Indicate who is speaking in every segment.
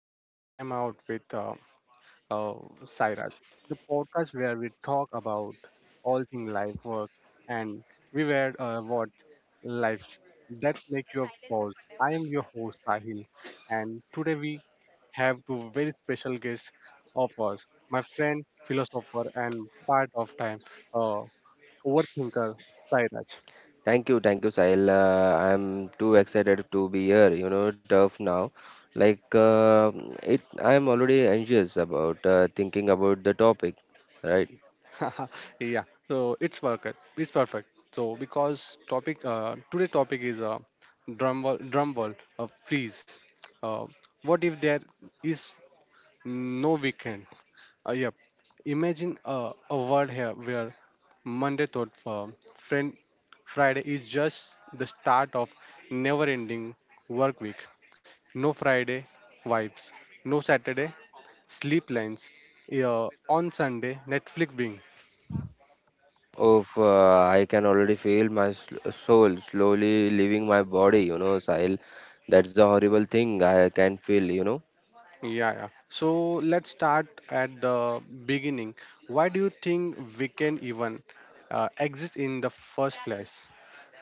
Speaker 1: to Time Out with uh, Sairaj, the podcast where we talk about all things life, work, and we were what life. Let's make your pause. I am your host Sahil, and today we have two very special guests of us, my friend, philosopher, and part of time uh, overthinker Sairaj.
Speaker 2: Thank you, Sahil. I'm too excited to be here. Tough now. Like I'm already anxious about thinking about the topic, right?
Speaker 1: Yeah, so it's perfect, it's perfect. So because topic today topic is drum wall freeze, uh, what if there is no weekend? Yep. Imagine a world here where Monday thought friend Friday is just the start of never ending work week. No Friday vibes, no Saturday sleep lines, uh, on Sunday Netflix bing.
Speaker 2: Of I can already feel my soul slowly leaving my body. Sahil, that's a horrible thing. I can feel.
Speaker 1: Yeah, yeah. So let's start at the beginning. Why do you think we can even exist in the first place?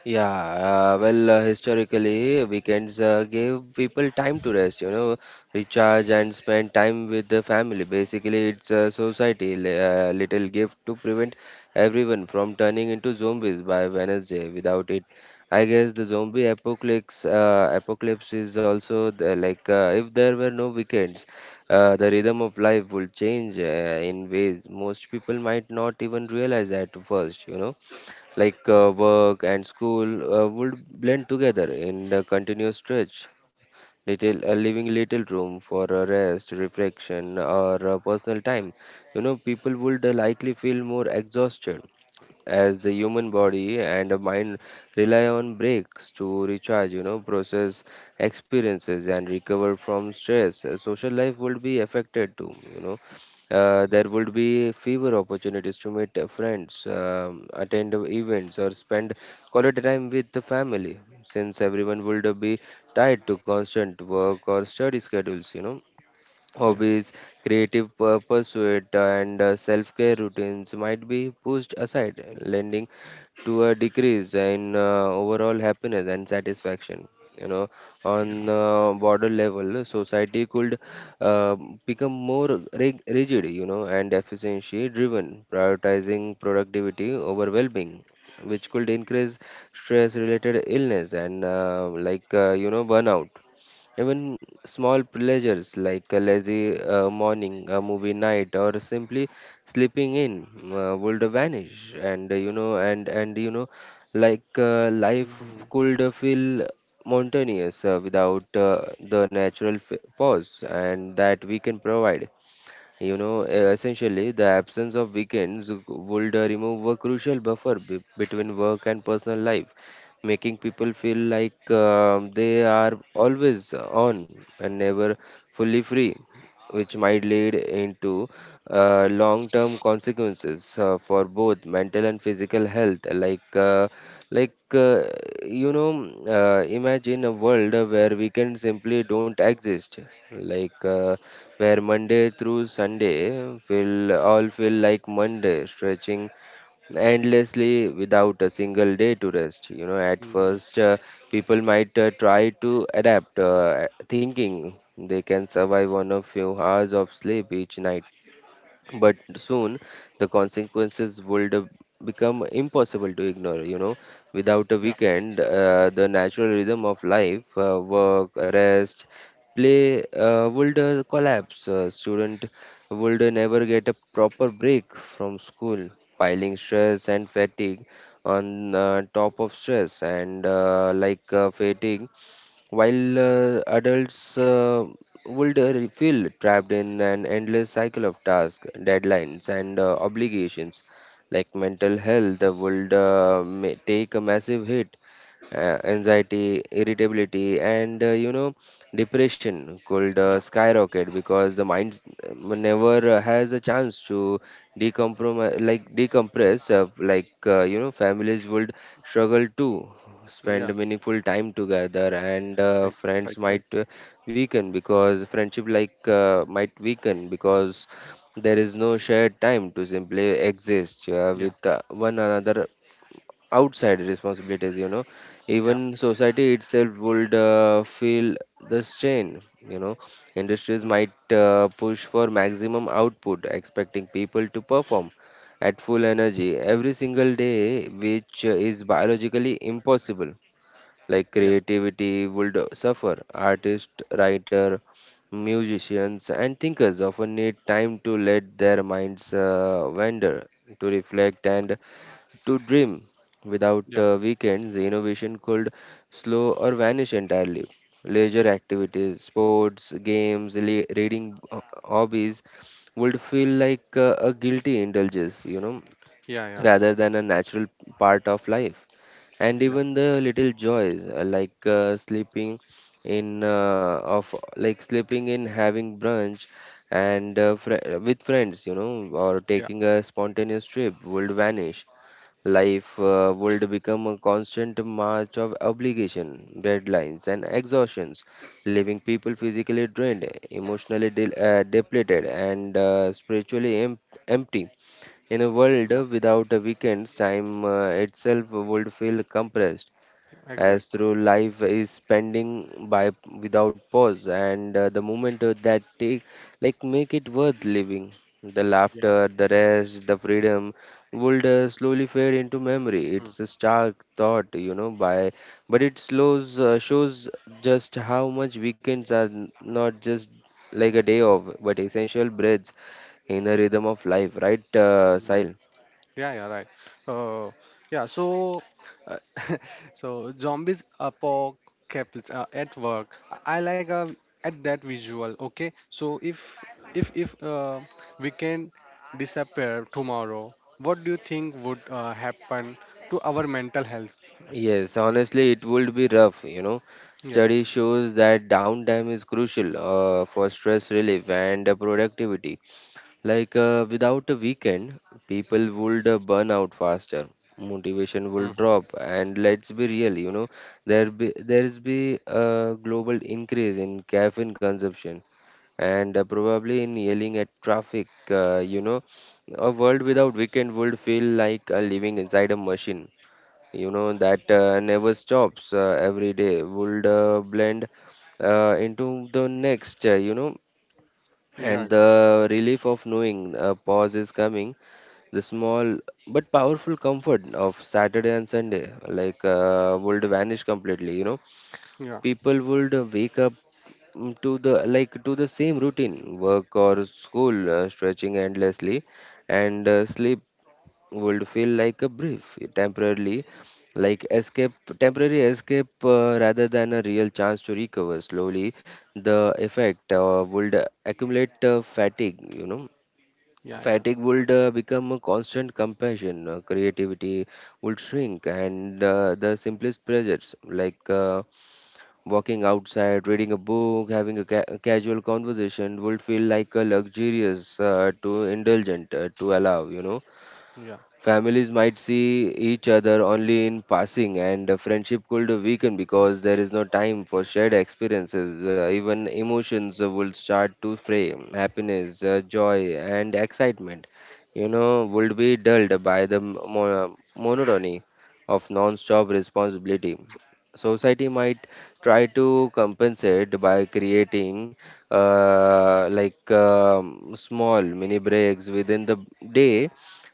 Speaker 2: Yeah, well, historically, weekends gave people time to rest, recharge and spend time with the family. Basically, it's a society little gift to prevent everyone from turning into zombies by Wednesday. Without it, I guess the zombie apocalypse is also the, like if there were no weekends, the rhythm of life would change in ways most people might not even realize at first. Like, work and school would blend together in a continuous stretch, little leaving little room for rest, reflection, or personal time. People would likely feel more exhausted as the human body and a mind rely on breaks to recharge, process experiences and recover from stress. Social life would be affected too. There would be fewer opportunities to meet friends, attend events, or spend quality time with the family, since everyone would be tied to constant work or study schedules.
Speaker 1: Yeah,
Speaker 2: Hobbies, creative pursuit, and self-care routines might be pushed aside, lending to a decrease in overall happiness and satisfaction. You know,
Speaker 1: yeah.
Speaker 2: on border level, society could uh, become more rigid, and efficiency-driven, prioritizing productivity over well-being, which could increase stress-related illness and burnout. Even small pleasures like a lazy morning, a movie night, or simply sleeping in would vanish, and and like life
Speaker 1: Hmm.
Speaker 2: could feel mountainous without the natural pause and that we can provide. Essentially, the absence of weekends would remove a crucial buffer between work and personal life, making people feel like they are always on and never fully free, which might lead into long-term consequences for both mental and physical health. Like, imagine a world where weekends simply don't exist. Like. Where Monday through Sunday will all feel like Monday, stretching endlessly without a single day to rest. At
Speaker 1: Hmm.
Speaker 2: first, people might try to adapt, thinking they can survive on a few hours of sleep each night, but soon the consequences would become impossible to ignore. Without a
Speaker 1: Yeah,
Speaker 2: weekend, the natural rhythm of life, work, rest, play, would collapse. Student would never get a proper break from school, piling stress and fatigue on top of stress and like fatigue, while adults would feel trapped in an endless cycle of tasks, deadlines, and obligations. Like, mental health would may take a massive hit, anxiety, irritability, and depression could
Speaker 1: yeah,
Speaker 2: skyrocket because the mind never has a chance to decompromise, like decompress, like families would struggle to
Speaker 1: yeah.
Speaker 2: spend meaningful time together, and
Speaker 1: Right,
Speaker 2: friends
Speaker 1: right, right.
Speaker 2: might weaken, because friendship like might weaken because there is no shared time to simply exist
Speaker 1: Yeah,
Speaker 2: with one another outside responsibilities.
Speaker 1: yeah,
Speaker 2: Even society itself would feel the strain you know Industries
Speaker 1: mm,
Speaker 2: might push for maximum output, expecting people to perform at full energy every single day, which is biologically impossible. Like,
Speaker 1: yeah,
Speaker 2: creativity would suffer. Artists, writer musicians, and thinkers often need time to let their minds wander, to reflect, and to dream. Without
Speaker 1: yeah,
Speaker 2: weekends, innovation could slow or vanish entirely. Leisure activities, sports, games, reading, hobbies, would feel like a guilty indulgence,
Speaker 1: yeah, yeah,
Speaker 2: rather than a natural part of life. And
Speaker 1: yeah,
Speaker 2: even the little joys, like sleeping in, having brunch, and with friends, or
Speaker 1: yeah,
Speaker 2: taking a spontaneous trip, would vanish. Life would become a constant march of obligation, deadlines, and exhaustions, leaving people physically drained, emotionally depleted, and spiritually empty. In a world
Speaker 1: yeah.
Speaker 2: without a weekends, time itself would feel compressed, as
Speaker 1: Exactly.
Speaker 2: through life is spending by without pause, and the moment that take, like, make it worth living, the
Speaker 1: Yeah,
Speaker 2: laughter, the rest, the freedom would slowly fade into memory. It's a stark thought, by, but it slows, shows just how much weekends are not just like a day off, but essential breaths in the rhythm of life, right,
Speaker 1: mm,
Speaker 2: Sahil?
Speaker 1: yeah, yeah, right. Uh, yeah, so uh, so zombies apocalypse at work. I like at that visual. Okay, so if we can disappear tomorrow, what do you think would happen to our mental health?
Speaker 2: Yes, honestly, it would be rough.
Speaker 1: Yeah.
Speaker 2: Study shows that downtime is crucial for stress relief and productivity. Like without a weekend, people would burn out faster. Motivation will
Speaker 1: Mm-hmm.
Speaker 2: drop, and let's be real, there's be a global increase in caffeine consumption and probably in yelling at traffic. A world without weekend would feel like living inside a machine that never stops. Every day would blend into the next, and
Speaker 1: Yeah,
Speaker 2: the relief of knowing a pause is coming, the small but powerful comfort of Saturday and Sunday, like would vanish completely.
Speaker 1: yeah,
Speaker 2: People would wake up to the like to the same routine, work or school, stretching endlessly, and sleep would feel like a brief, temporarily, like escape, temporary escape, rather than a real chance to recover. Slowly, the effect would accumulate fatigue.
Speaker 1: yeah, yeah,
Speaker 2: Fatigue would become a constant compassion, creativity would shrink, and the simplest pleasures like walking outside, reading a book, having a, a casual conversation would feel like a luxurious, to indulgent, to allow.
Speaker 1: yeah,
Speaker 2: Families might see each other only in passing, and the friendship could weaken because there is no time for shared experiences. Even emotions will start to fray. Happiness, joy, and excitement, would be dulled by the monotony of non-stop responsibility. Society might try to compensate by creating like small mini breaks within the day,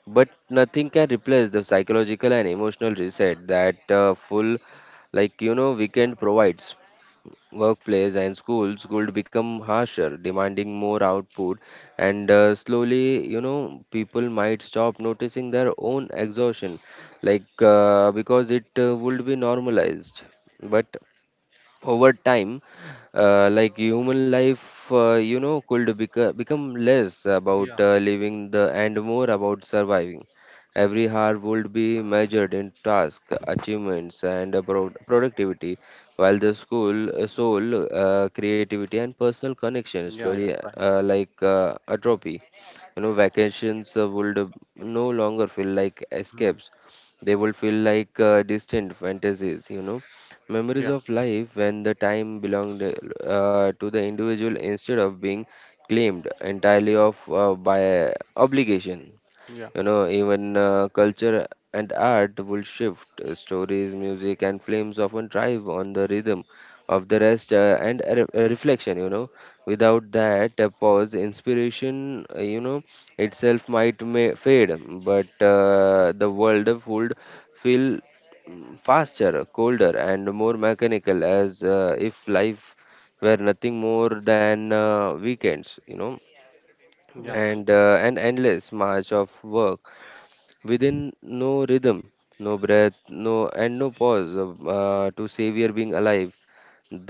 Speaker 2: but nothing can replace the psychological and emotional reset that full, weekend provides. Workplace and schools could become harsher, demanding more output, and slowly, people might stop noticing their own exhaustion, like because it would be normalized. But over time like human life could become less
Speaker 1: yeah,
Speaker 2: about
Speaker 1: yeah,
Speaker 2: living the and more about surviving. Every hour would be measured in task achievements and productivity, while the school soul, creativity and personal connection
Speaker 1: yeah, yeah,
Speaker 2: slowly
Speaker 1: right.
Speaker 2: like atrophy. Vacations would no longer feel like
Speaker 1: Mm.
Speaker 2: escapes. They would feel like distant fantasies, memories
Speaker 1: Yeah,
Speaker 2: of life when the time belonged to the individual, instead of being claimed entirely of by obligation.
Speaker 1: yeah,
Speaker 2: Even culture and art will shift. Stories, music, and films often thrive on the rhythm of the rest and a a reflection. Without that pause, inspiration, itself might may fade, but the world would feel faster, colder, and more mechanical, as if life were nothing more than
Speaker 1: mm,
Speaker 2: weekends.
Speaker 1: yeah,
Speaker 2: And an endless march of work within no rhythm, no breath, no and no pause to savor being alive.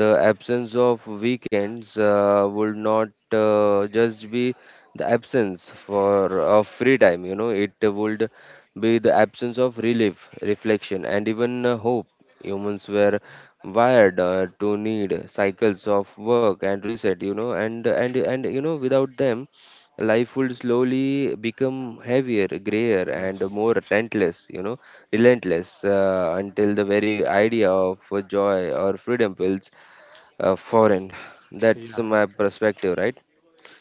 Speaker 2: The absence of weekends would not just be the absence for of free time, it would be the absence of relief, reflection, and even hope. Humans were wired to need cycles of work and reset, and without them, life would slowly become heavier, grayer,
Speaker 1: yeah,
Speaker 2: and more relentless, relentless until the very idea of joy or freedom feels foreign.
Speaker 1: yeah,
Speaker 2: That's
Speaker 1: yeah.
Speaker 2: my perspective, right?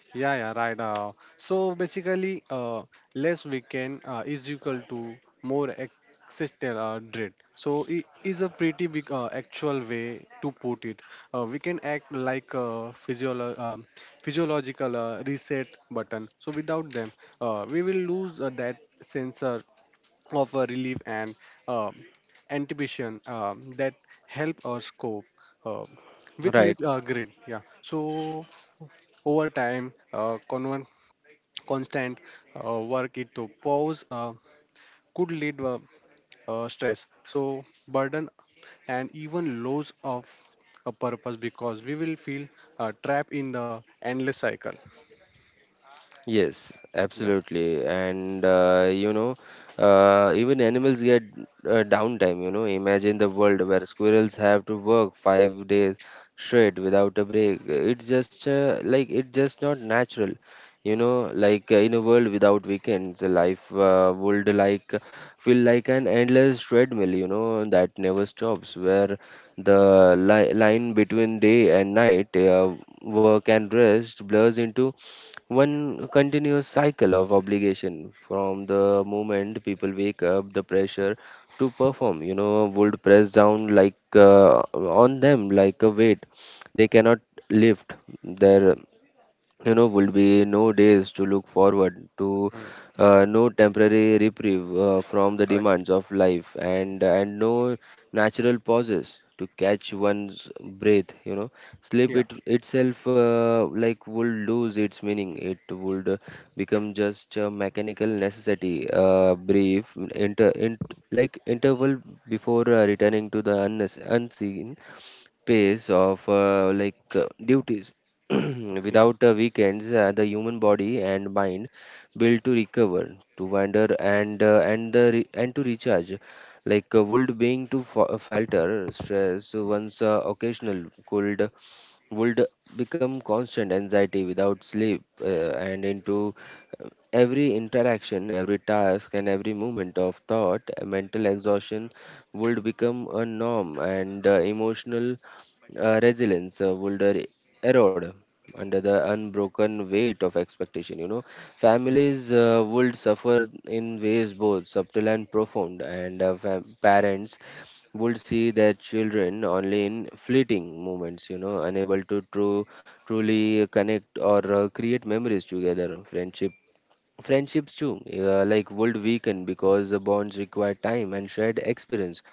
Speaker 1: Yeah, yeah, right. So basically, less weekend is equal to more existential dread. So it is a pretty big actual way to put it. We can act like a physiological reset button. So without them, we will lose that sense of a relief and um, anticipation that help us cope uh, with
Speaker 2: Right.
Speaker 1: less grid. Yeah. So over time, constant work into pause could lead stress. So burden and even loss of a purpose because we will feel trapped in the endless cycle.
Speaker 2: Yes,
Speaker 1: Yeah.
Speaker 2: absolutely. And even animals get downtime. Imagine the world where squirrels have to work 5 days straight without a break. It's just like it's just not natural. Like in a world without weekends, life would like feel like an endless treadmill. That never stops. Where the li line between day and night, work and rest blurs into one continuous cycle of obligation. From the moment people wake up, the pressure to perform, would press down, on them like a weight they cannot lift. There, would be no days to look forward to,
Speaker 1: Mm.
Speaker 2: no temporary reprieve from the
Speaker 1: Right.
Speaker 2: demands of life, and no natural pauses to catch one's breath, you know. Sleep
Speaker 1: Yeah.
Speaker 2: it itself, like would lose its meaning. It would become just a mechanical necessity, brief inter, in, like interval before returning to the unseen pace of duties.
Speaker 1: Yeah.
Speaker 2: Without weekends, the human body and mind, built to recover, to wander, and the and to recharge. Would being to falter. Stress, once occasional, could, would become constant anxiety. Without sleep, and into every interaction, every task, and every moment of thought, mental exhaustion would become a norm, and emotional resilience would erode under the unbroken weight of expectation. You know,
Speaker 1: Yeah.
Speaker 2: families would suffer in ways both subtle and profound, and parents would see their children only in fleeting moments, you know, unable to truly connect or create memories together. Friendships too, would weaken because the bonds require time and shared experience,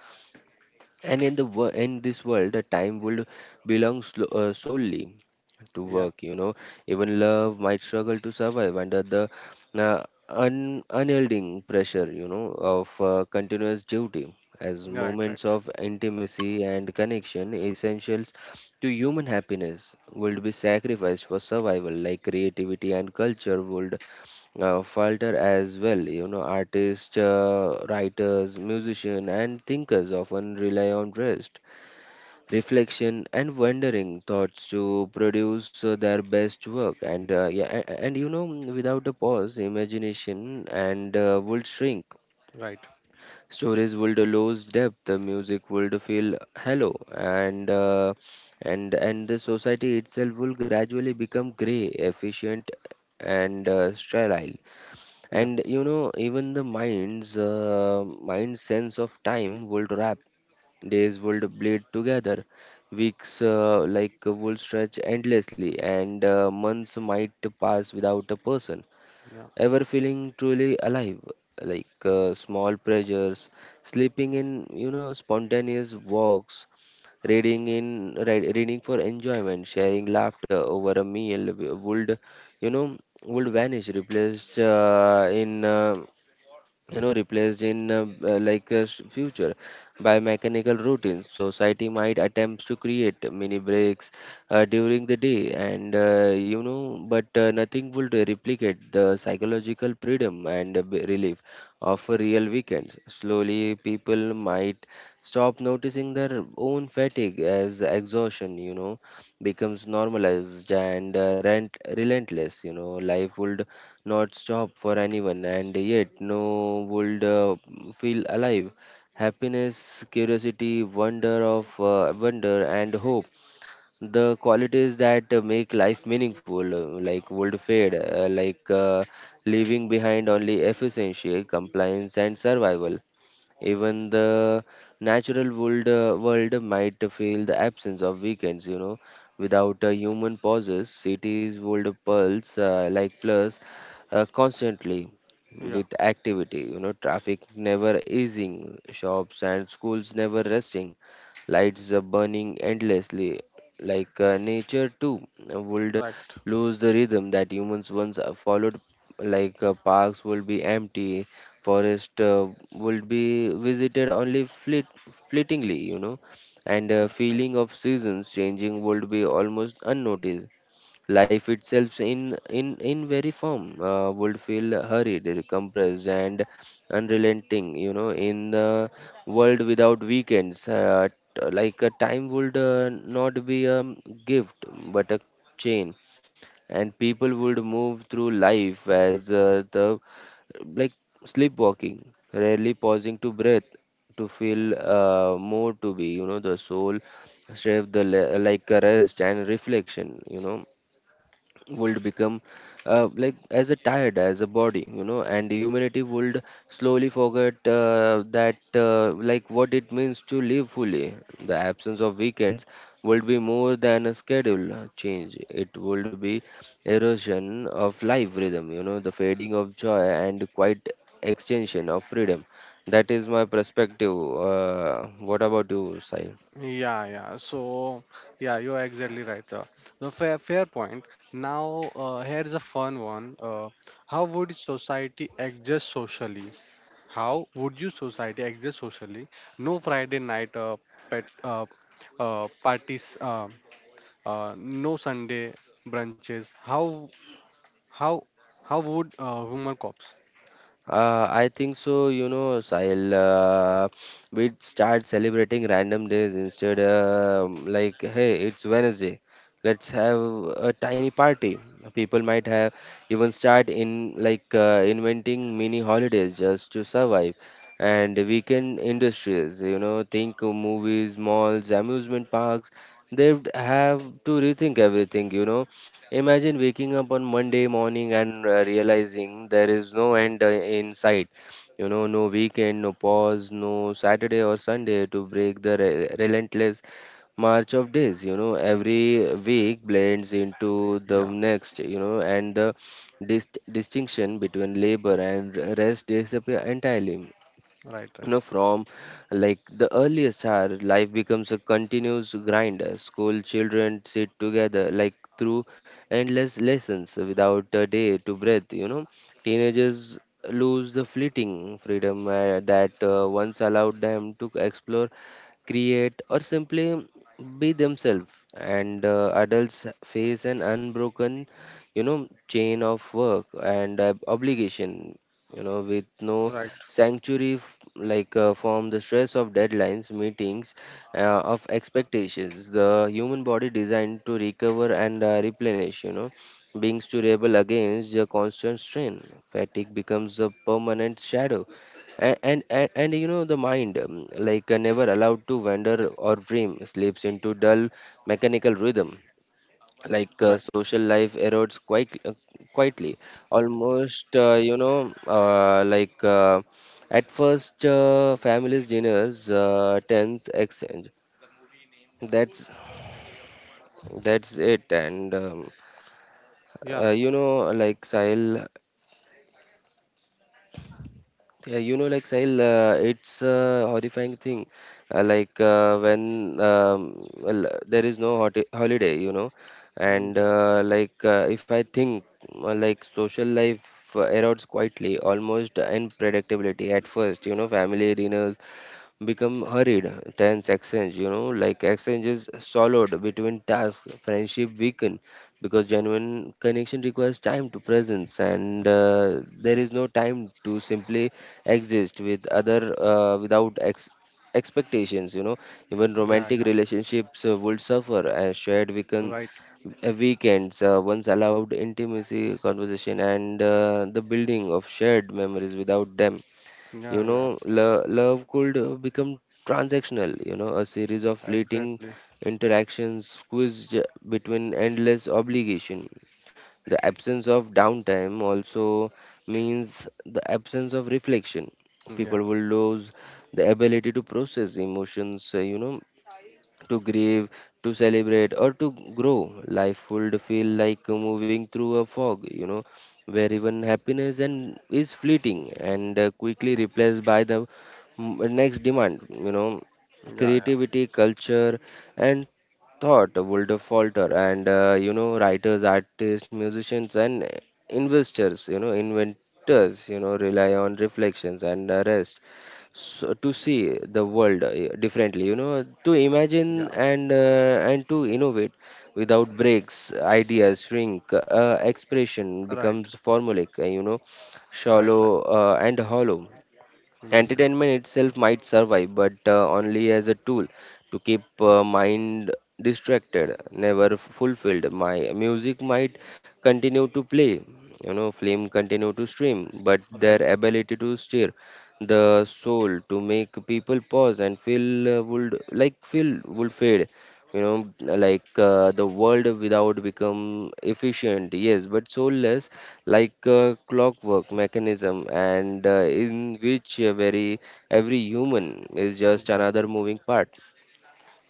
Speaker 2: and in the in this world, the time would belong solely to
Speaker 1: Yeah.
Speaker 2: work, you know. Even love might struggle to survive under the uh, unyielding pressure, you know, of continuous duty, as
Speaker 1: Right.
Speaker 2: moments
Speaker 1: Right.
Speaker 2: of intimacy and connection, essentials to human happiness, would be sacrificed for survival. Like, creativity and culture would falter as well. You know, artists, writers, musicians, and thinkers often rely on rest, reflection, and wandering thoughts to produce their best work. And you know, without a pause, imagination and would shrink.
Speaker 1: Right.
Speaker 2: Stories would lose depth. The music would feel hollow, and the society itself will gradually become grey, efficient, and sterile.
Speaker 1: Yeah.
Speaker 2: And you know, even the mind's sense of time would wrap. Days would bleed together, weeks would stretch endlessly, and months might pass without a person
Speaker 1: Yeah,
Speaker 2: ever feeling truly alive. Small pleasures, sleeping in, you know, spontaneous walks, reading for enjoyment, sharing laughter over a meal, would, you know, would vanish, replaced in you know replaced in future by mechanical routines. Society might attempt to create mini breaks during the day, and you know but nothing would replicate the psychological freedom and relief of a real weekends. Slowly, people might stop noticing their own fatigue, as exhaustion, you know, becomes normalized and rent relentless. You know, life would not stop for anyone, and yet no would feel alive. Happiness, curiosity, wonder, and hope, the qualities that make life meaningful, would fade, leaving behind only efficiency, compliance, and survival. Even the natural world might feel the absence of weekends, you know. Without human pauses, cities would pulse like plus constantly
Speaker 1: yeah,
Speaker 2: with activity, you know, traffic never easing, shops and schools never resting, lights are burning endlessly. Nature too would
Speaker 1: right,
Speaker 2: lose the rhythm that humans once followed. Parks will be empty, forest would be visited only fleetingly, you know, and
Speaker 1: right, right.
Speaker 2: feeling of seasons changing would be almost unnoticed. Life itself, in very form, would feel hurried, compressed, and unrelenting. You know, in the world without weekends, a time would not be a gift but a chain, and people would move through life as the like sleepwalking, rarely pausing to breathe, to feel, more to be, you know, the soul, strength, the a rest and reflection, you know, would become as a tired as a body, you know, and humanity would slowly forget that like what it means to live fully. The absence of weekends would be more than a schedule change. It would be erosion of life rhythm, you know, the fading of joy and quite extension of freedom. That is my perspective. What about you, Sahil?
Speaker 1: Yeah, yeah. So, yeah, you're exactly right. No, fair, fair point. Now, here's a fun one. How would society adjust socially? How would you society adjust socially? No Friday night pet parties. No Sunday brunches. How how would human cops?
Speaker 2: I think so, you know, Sahil. We'd start celebrating random days instead. Like, hey, it's Wednesday. Let's have a tiny party. People might have even start in inventing mini holidays just to survive. And weekend industries, you know, think of movies, malls, amusement parks. They'd have to rethink everything, you know. Imagine waking up on Monday morning and realizing there is no end in sight. You know, no weekend, no pause, no Saturday or Sunday to break the relentless march of days. You know, every week blends into the
Speaker 1: Yeah,
Speaker 2: next, you know, and the distinction between labor and rest disappear entirely,
Speaker 1: right,
Speaker 2: you
Speaker 1: right,
Speaker 2: know. From like the earliest hour, life becomes a continuous grind. School children sit together through endless lessons without a day to breathe, you know. Teenagers lose the fleeting freedom that once allowed them to explore, create, or simply be themselves. And adults face an unbroken, you know, chain of work and obligation, you know, with no
Speaker 1: right,
Speaker 2: sanctuary, from the stress of deadlines, meetings, of expectations. The human body, designed to recover and replenish, you know, beings to rebel against the constant strain. Fatigue becomes a permanent shadow, and you know the mind, never allowed to wander or dream, slips into dull mechanical rhythm.
Speaker 1: right.
Speaker 2: Social life erodes quite quietly, almost, at first. Families dinners, tens exchange. That's that's it, and
Speaker 1: Yeah,
Speaker 2: you know, like Sahil Yeah, you know, like, Sahil, it's a horrifying thing. When there is no hot holiday, you know,
Speaker 1: mm,
Speaker 2: and
Speaker 1: yeah.
Speaker 2: if I think social life erodes quietly, almost in predictability at first. You know, family dinners become hurried, tense exchange, you know, like exchanges swallowed between tasks. Friendship weaken because genuine connection requires time to presence, and there is no time to simply exist with other without expectations, you know. Even
Speaker 1: Yeah,
Speaker 2: romantic
Speaker 1: yeah,
Speaker 2: relationships would suffer as shared weaken
Speaker 1: right.
Speaker 2: weekends once allowed intimacy, conversation, and the building of shared memories. Without them, you
Speaker 1: Yeah, yeah,
Speaker 2: know, lo love could become transactional, you know, a series of fleeting
Speaker 1: exactly.
Speaker 2: interactions squeezed between endless obligation. The absence of downtime also means the absence of reflection.
Speaker 1: Yeah,
Speaker 2: People will lose the ability to process emotions, you know, to grieve, to celebrate, or to grow. Life would feel like moving through a fog, you know, where even happiness and is fleeting, and quickly replaced by the next demand. You know,
Speaker 1: yeah, yeah,
Speaker 2: creativity, culture, and thought would falter, and you know, writers, artists, musicians, and investors, you know, inventors, you know, rely on reflections and rest, so to see the world differently, you know, to
Speaker 1: yeah.
Speaker 2: imagine and to innovate. Without breaks, ideas shrink, expression
Speaker 1: Right,
Speaker 2: becomes formulaic, you know,
Speaker 1: right,
Speaker 2: shallow,
Speaker 1: right.
Speaker 2: and hollow.
Speaker 1: Yeah,
Speaker 2: Entertainment itself might survive, but only as a tool to keep mind distracted, never fulfilled. My music might continue to play, you know, film continue to stream, but
Speaker 1: right.
Speaker 2: their ability to stir the soul, to make people pause and feel, would like feel would fade, you know. The world without become efficient, yes, but soulless, like clockwork mechanism, and in which very every human is just
Speaker 1: Yeah,
Speaker 2: another moving part,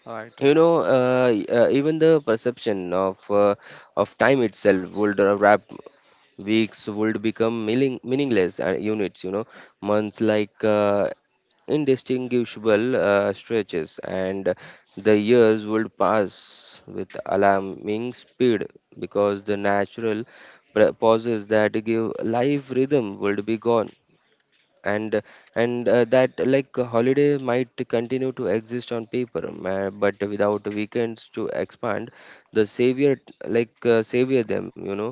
Speaker 1: right,
Speaker 2: you
Speaker 1: right.
Speaker 2: know. Even the perception of time itself would wrap. Weeks would become meaningless units, you know, months indistinguishable stretches, and the years would pass with alarming speed because the natural pauses that give life rhythm would be gone. And and that like a holiday might continue to exist on paper, but without weekends to expand, the savior, savior them, you know,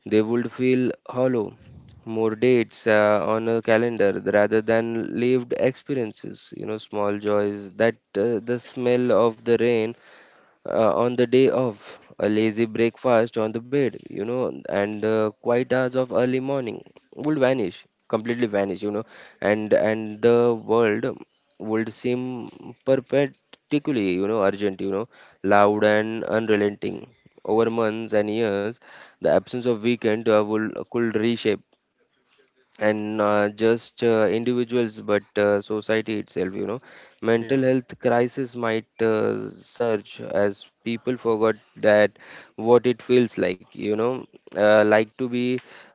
Speaker 2: they would feel hollow, more dates on a calendar rather than lived experiences. You know, small joys that the smell of the rain on the day of a lazy breakfast on the bed, you know, and the quiet hours of early morning would vanish, completely vanish, you know, and the world would seem perpetually, you know, urgent, you know, loud and unrelenting. Over months and years, the absence of weekend will could reshape and just individuals but society itself, you know.
Speaker 1: Yeah,
Speaker 2: Mental health crisis might surge as people forgot that what it feels like, you know, to be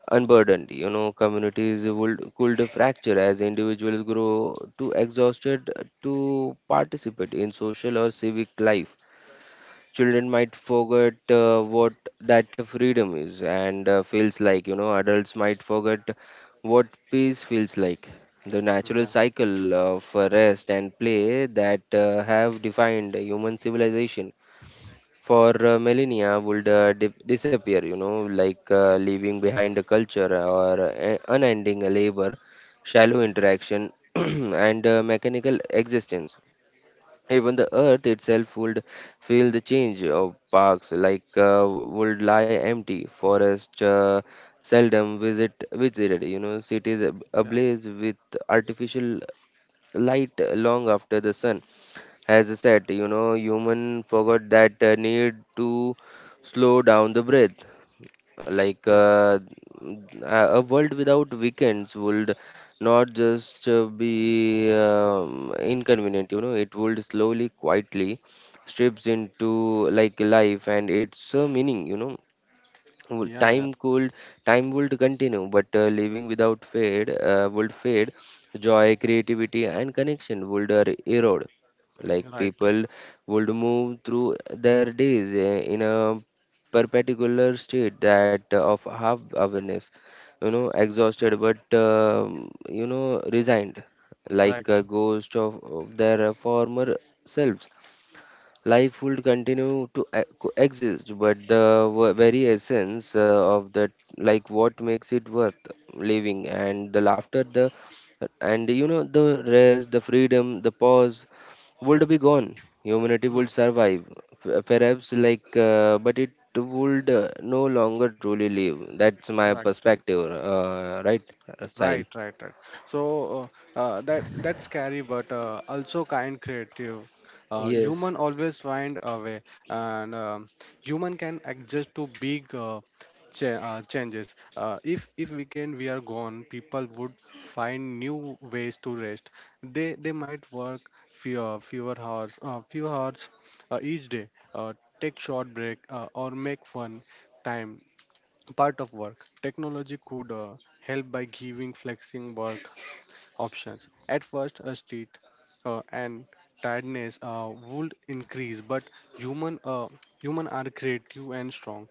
Speaker 2: unburdened, you know. Communities would could fracture as individuals grow too exhausted to participate in social or civic life. Children might forget what that freedom is and feels like, you know. Adults might forget what peace feels like. The natural
Speaker 1: yeah,
Speaker 2: cycle of rest and play that have defined human civilization for millennia would disappear, you know, leaving behind a culture or unending labor, shallow
Speaker 1: mm,
Speaker 2: interaction, and mechanical existence. Even the earth itself would feel the change of parks, would lie empty, forests seldom visited, you know, cities
Speaker 1: yeah,
Speaker 2: ablaze with artificial light long after the sun has set. You know, human forgot that need to slow down the breath like
Speaker 1: yeah,
Speaker 2: uh, a world without weekends would not just be inconvenient, you know, it would slowly, quietly strips into like life and its meaning, you know, well,
Speaker 1: yeah, yeah,
Speaker 2: time could time would continue, but living without fade would fade. Joy, creativity, and connection would erode.
Speaker 1: mm,
Speaker 2: Like
Speaker 1: right,
Speaker 2: people would move through their days in a perpendicular state that of half awareness, you know, exhausted but you know, resigned, like a
Speaker 1: right,
Speaker 2: ghost of their former selves. Life would continue to coexist, but the very essence of that, like what makes it worth living, and the laughter, the and you know the rest, the freedom, the pause
Speaker 1: yeah,
Speaker 2: would be gone. Humanity
Speaker 1: mm,
Speaker 2: would survive, perhaps like, but it would no longer truly live. That's my
Speaker 1: right, right,
Speaker 2: perspective, right, Sahil?
Speaker 1: right, right, right. So that that's scary, but also kind, creative.
Speaker 2: Yes.
Speaker 1: Human always find a way, and human can adjust to big changes. If weekend we are gone, people would find new ways to rest. They might work fewer hours, few hours each day. Uh, Take short break or make fun time part of work. Technology could help by giving flexing work options. At first a street and tiredness would increase, but human uh, human are creative and strong.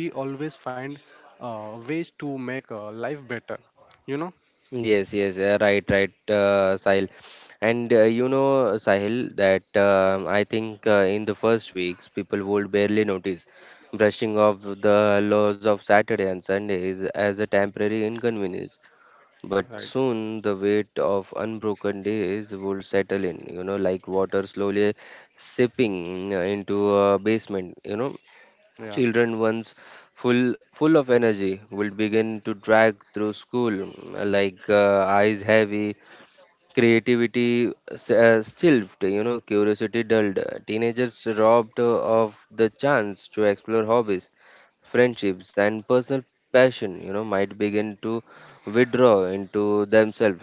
Speaker 1: We always find ways to make life better, you know.
Speaker 2: Yes, yes, right, right, Sahil. And you know, Sahil, that I think in the first weeks, people would barely notice, brushing off the laws of Saturday and Sundays as a temporary inconvenience. But
Speaker 1: Right.
Speaker 2: soon the weight of unbroken days would settle in, you know, like water slowly sipping into a basement, you know,
Speaker 1: Yeah,
Speaker 2: children once full of energy will begin to drag through school, mm, eyes heavy, creativity stilted, you know, curiosity dulled. Teenagers, robbed of the chance to explore hobbies, friendships, and personal passion, you know, might begin to withdraw into themselves,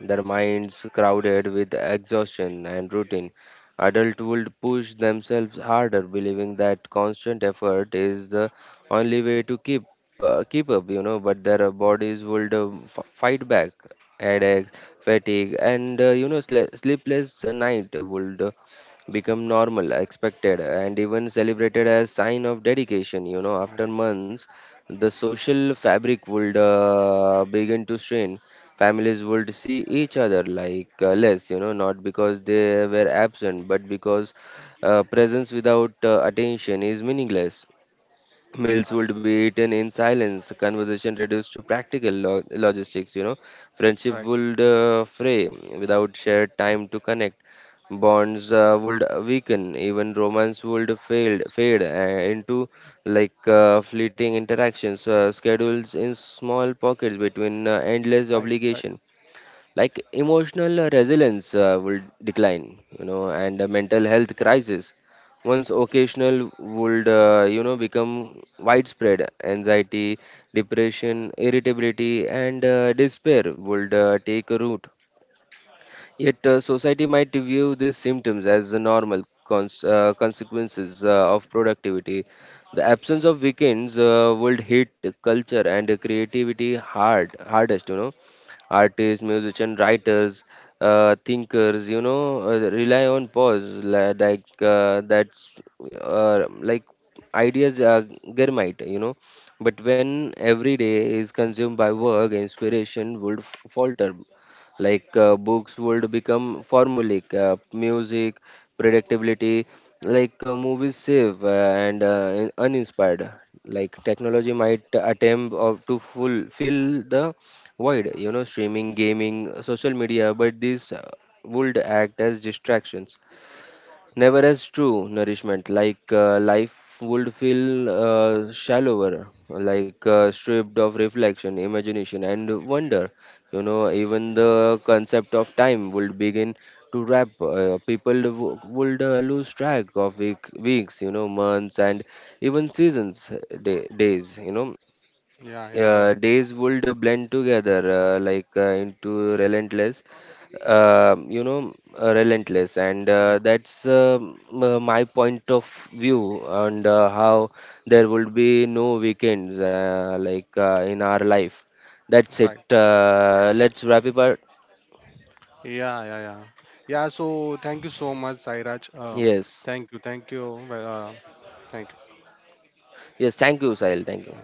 Speaker 2: their minds crowded with exhaustion and routine. Adults would push themselves harder, believing that constant effort is the only way to keep up, you know, but their bodies would fight back. Headaches, fatigue, and, you know, sleepless night would become normal, expected, and even celebrated as sign of dedication. You know, after
Speaker 1: right,
Speaker 2: months, the social fabric would begin to strain, families would see each other like less, you know, not because they were absent but because presence without attention is meaningless, meals would
Speaker 1: right,
Speaker 2: be eaten in silence, conversation reduced to practical logistics, you know, friendship
Speaker 1: right,
Speaker 2: would fray without shared time to connect, bonds would weaken, even romance would fade into fleeting interactions, schedules in small pockets between endless
Speaker 1: right, right.
Speaker 2: obligation, like emotional resilience will decline, you know, and a mental health
Speaker 1: Yeah,
Speaker 2: crisis once occasional would, you know, become widespread, anxiety, depression, irritability, and despair would take a root. Yet, society might view these symptoms as the normal consequences of productivity. The absence of weekends would hit culture and creativity hardest. You know, artists, musicians, writers, thinkers. You know, rely on pause, that's like ideas are germite. You know, but when every day is consumed by work, inspiration would falter, books would become formulaic, music predictability, movies save and uninspired, like technology might attempt of to full fill the void, you know, streaming, gaming, social media, but these would act as distractions, never as true nourishment, life would feel shallower, stripped of reflection, imagination, and wonder, you know, even the concept of time would begin to wrap, people would lose track of weeks, you know, months, and even seasons, days, you know,
Speaker 1: yeah, yeah, right.
Speaker 2: days would blend together, into relentless you know relentless, and
Speaker 1: Yeah,
Speaker 2: that's my point of view, and how there would be no weekends, in our life. That's it,
Speaker 1: right.
Speaker 2: let's wrap it up.
Speaker 1: Yeah, yeah, yeah, yeah. So thank you so much, Sairaj,
Speaker 2: Yes,
Speaker 1: thank you, thank you. Well, thank you.
Speaker 2: yes, thank you, Sahil, thank you.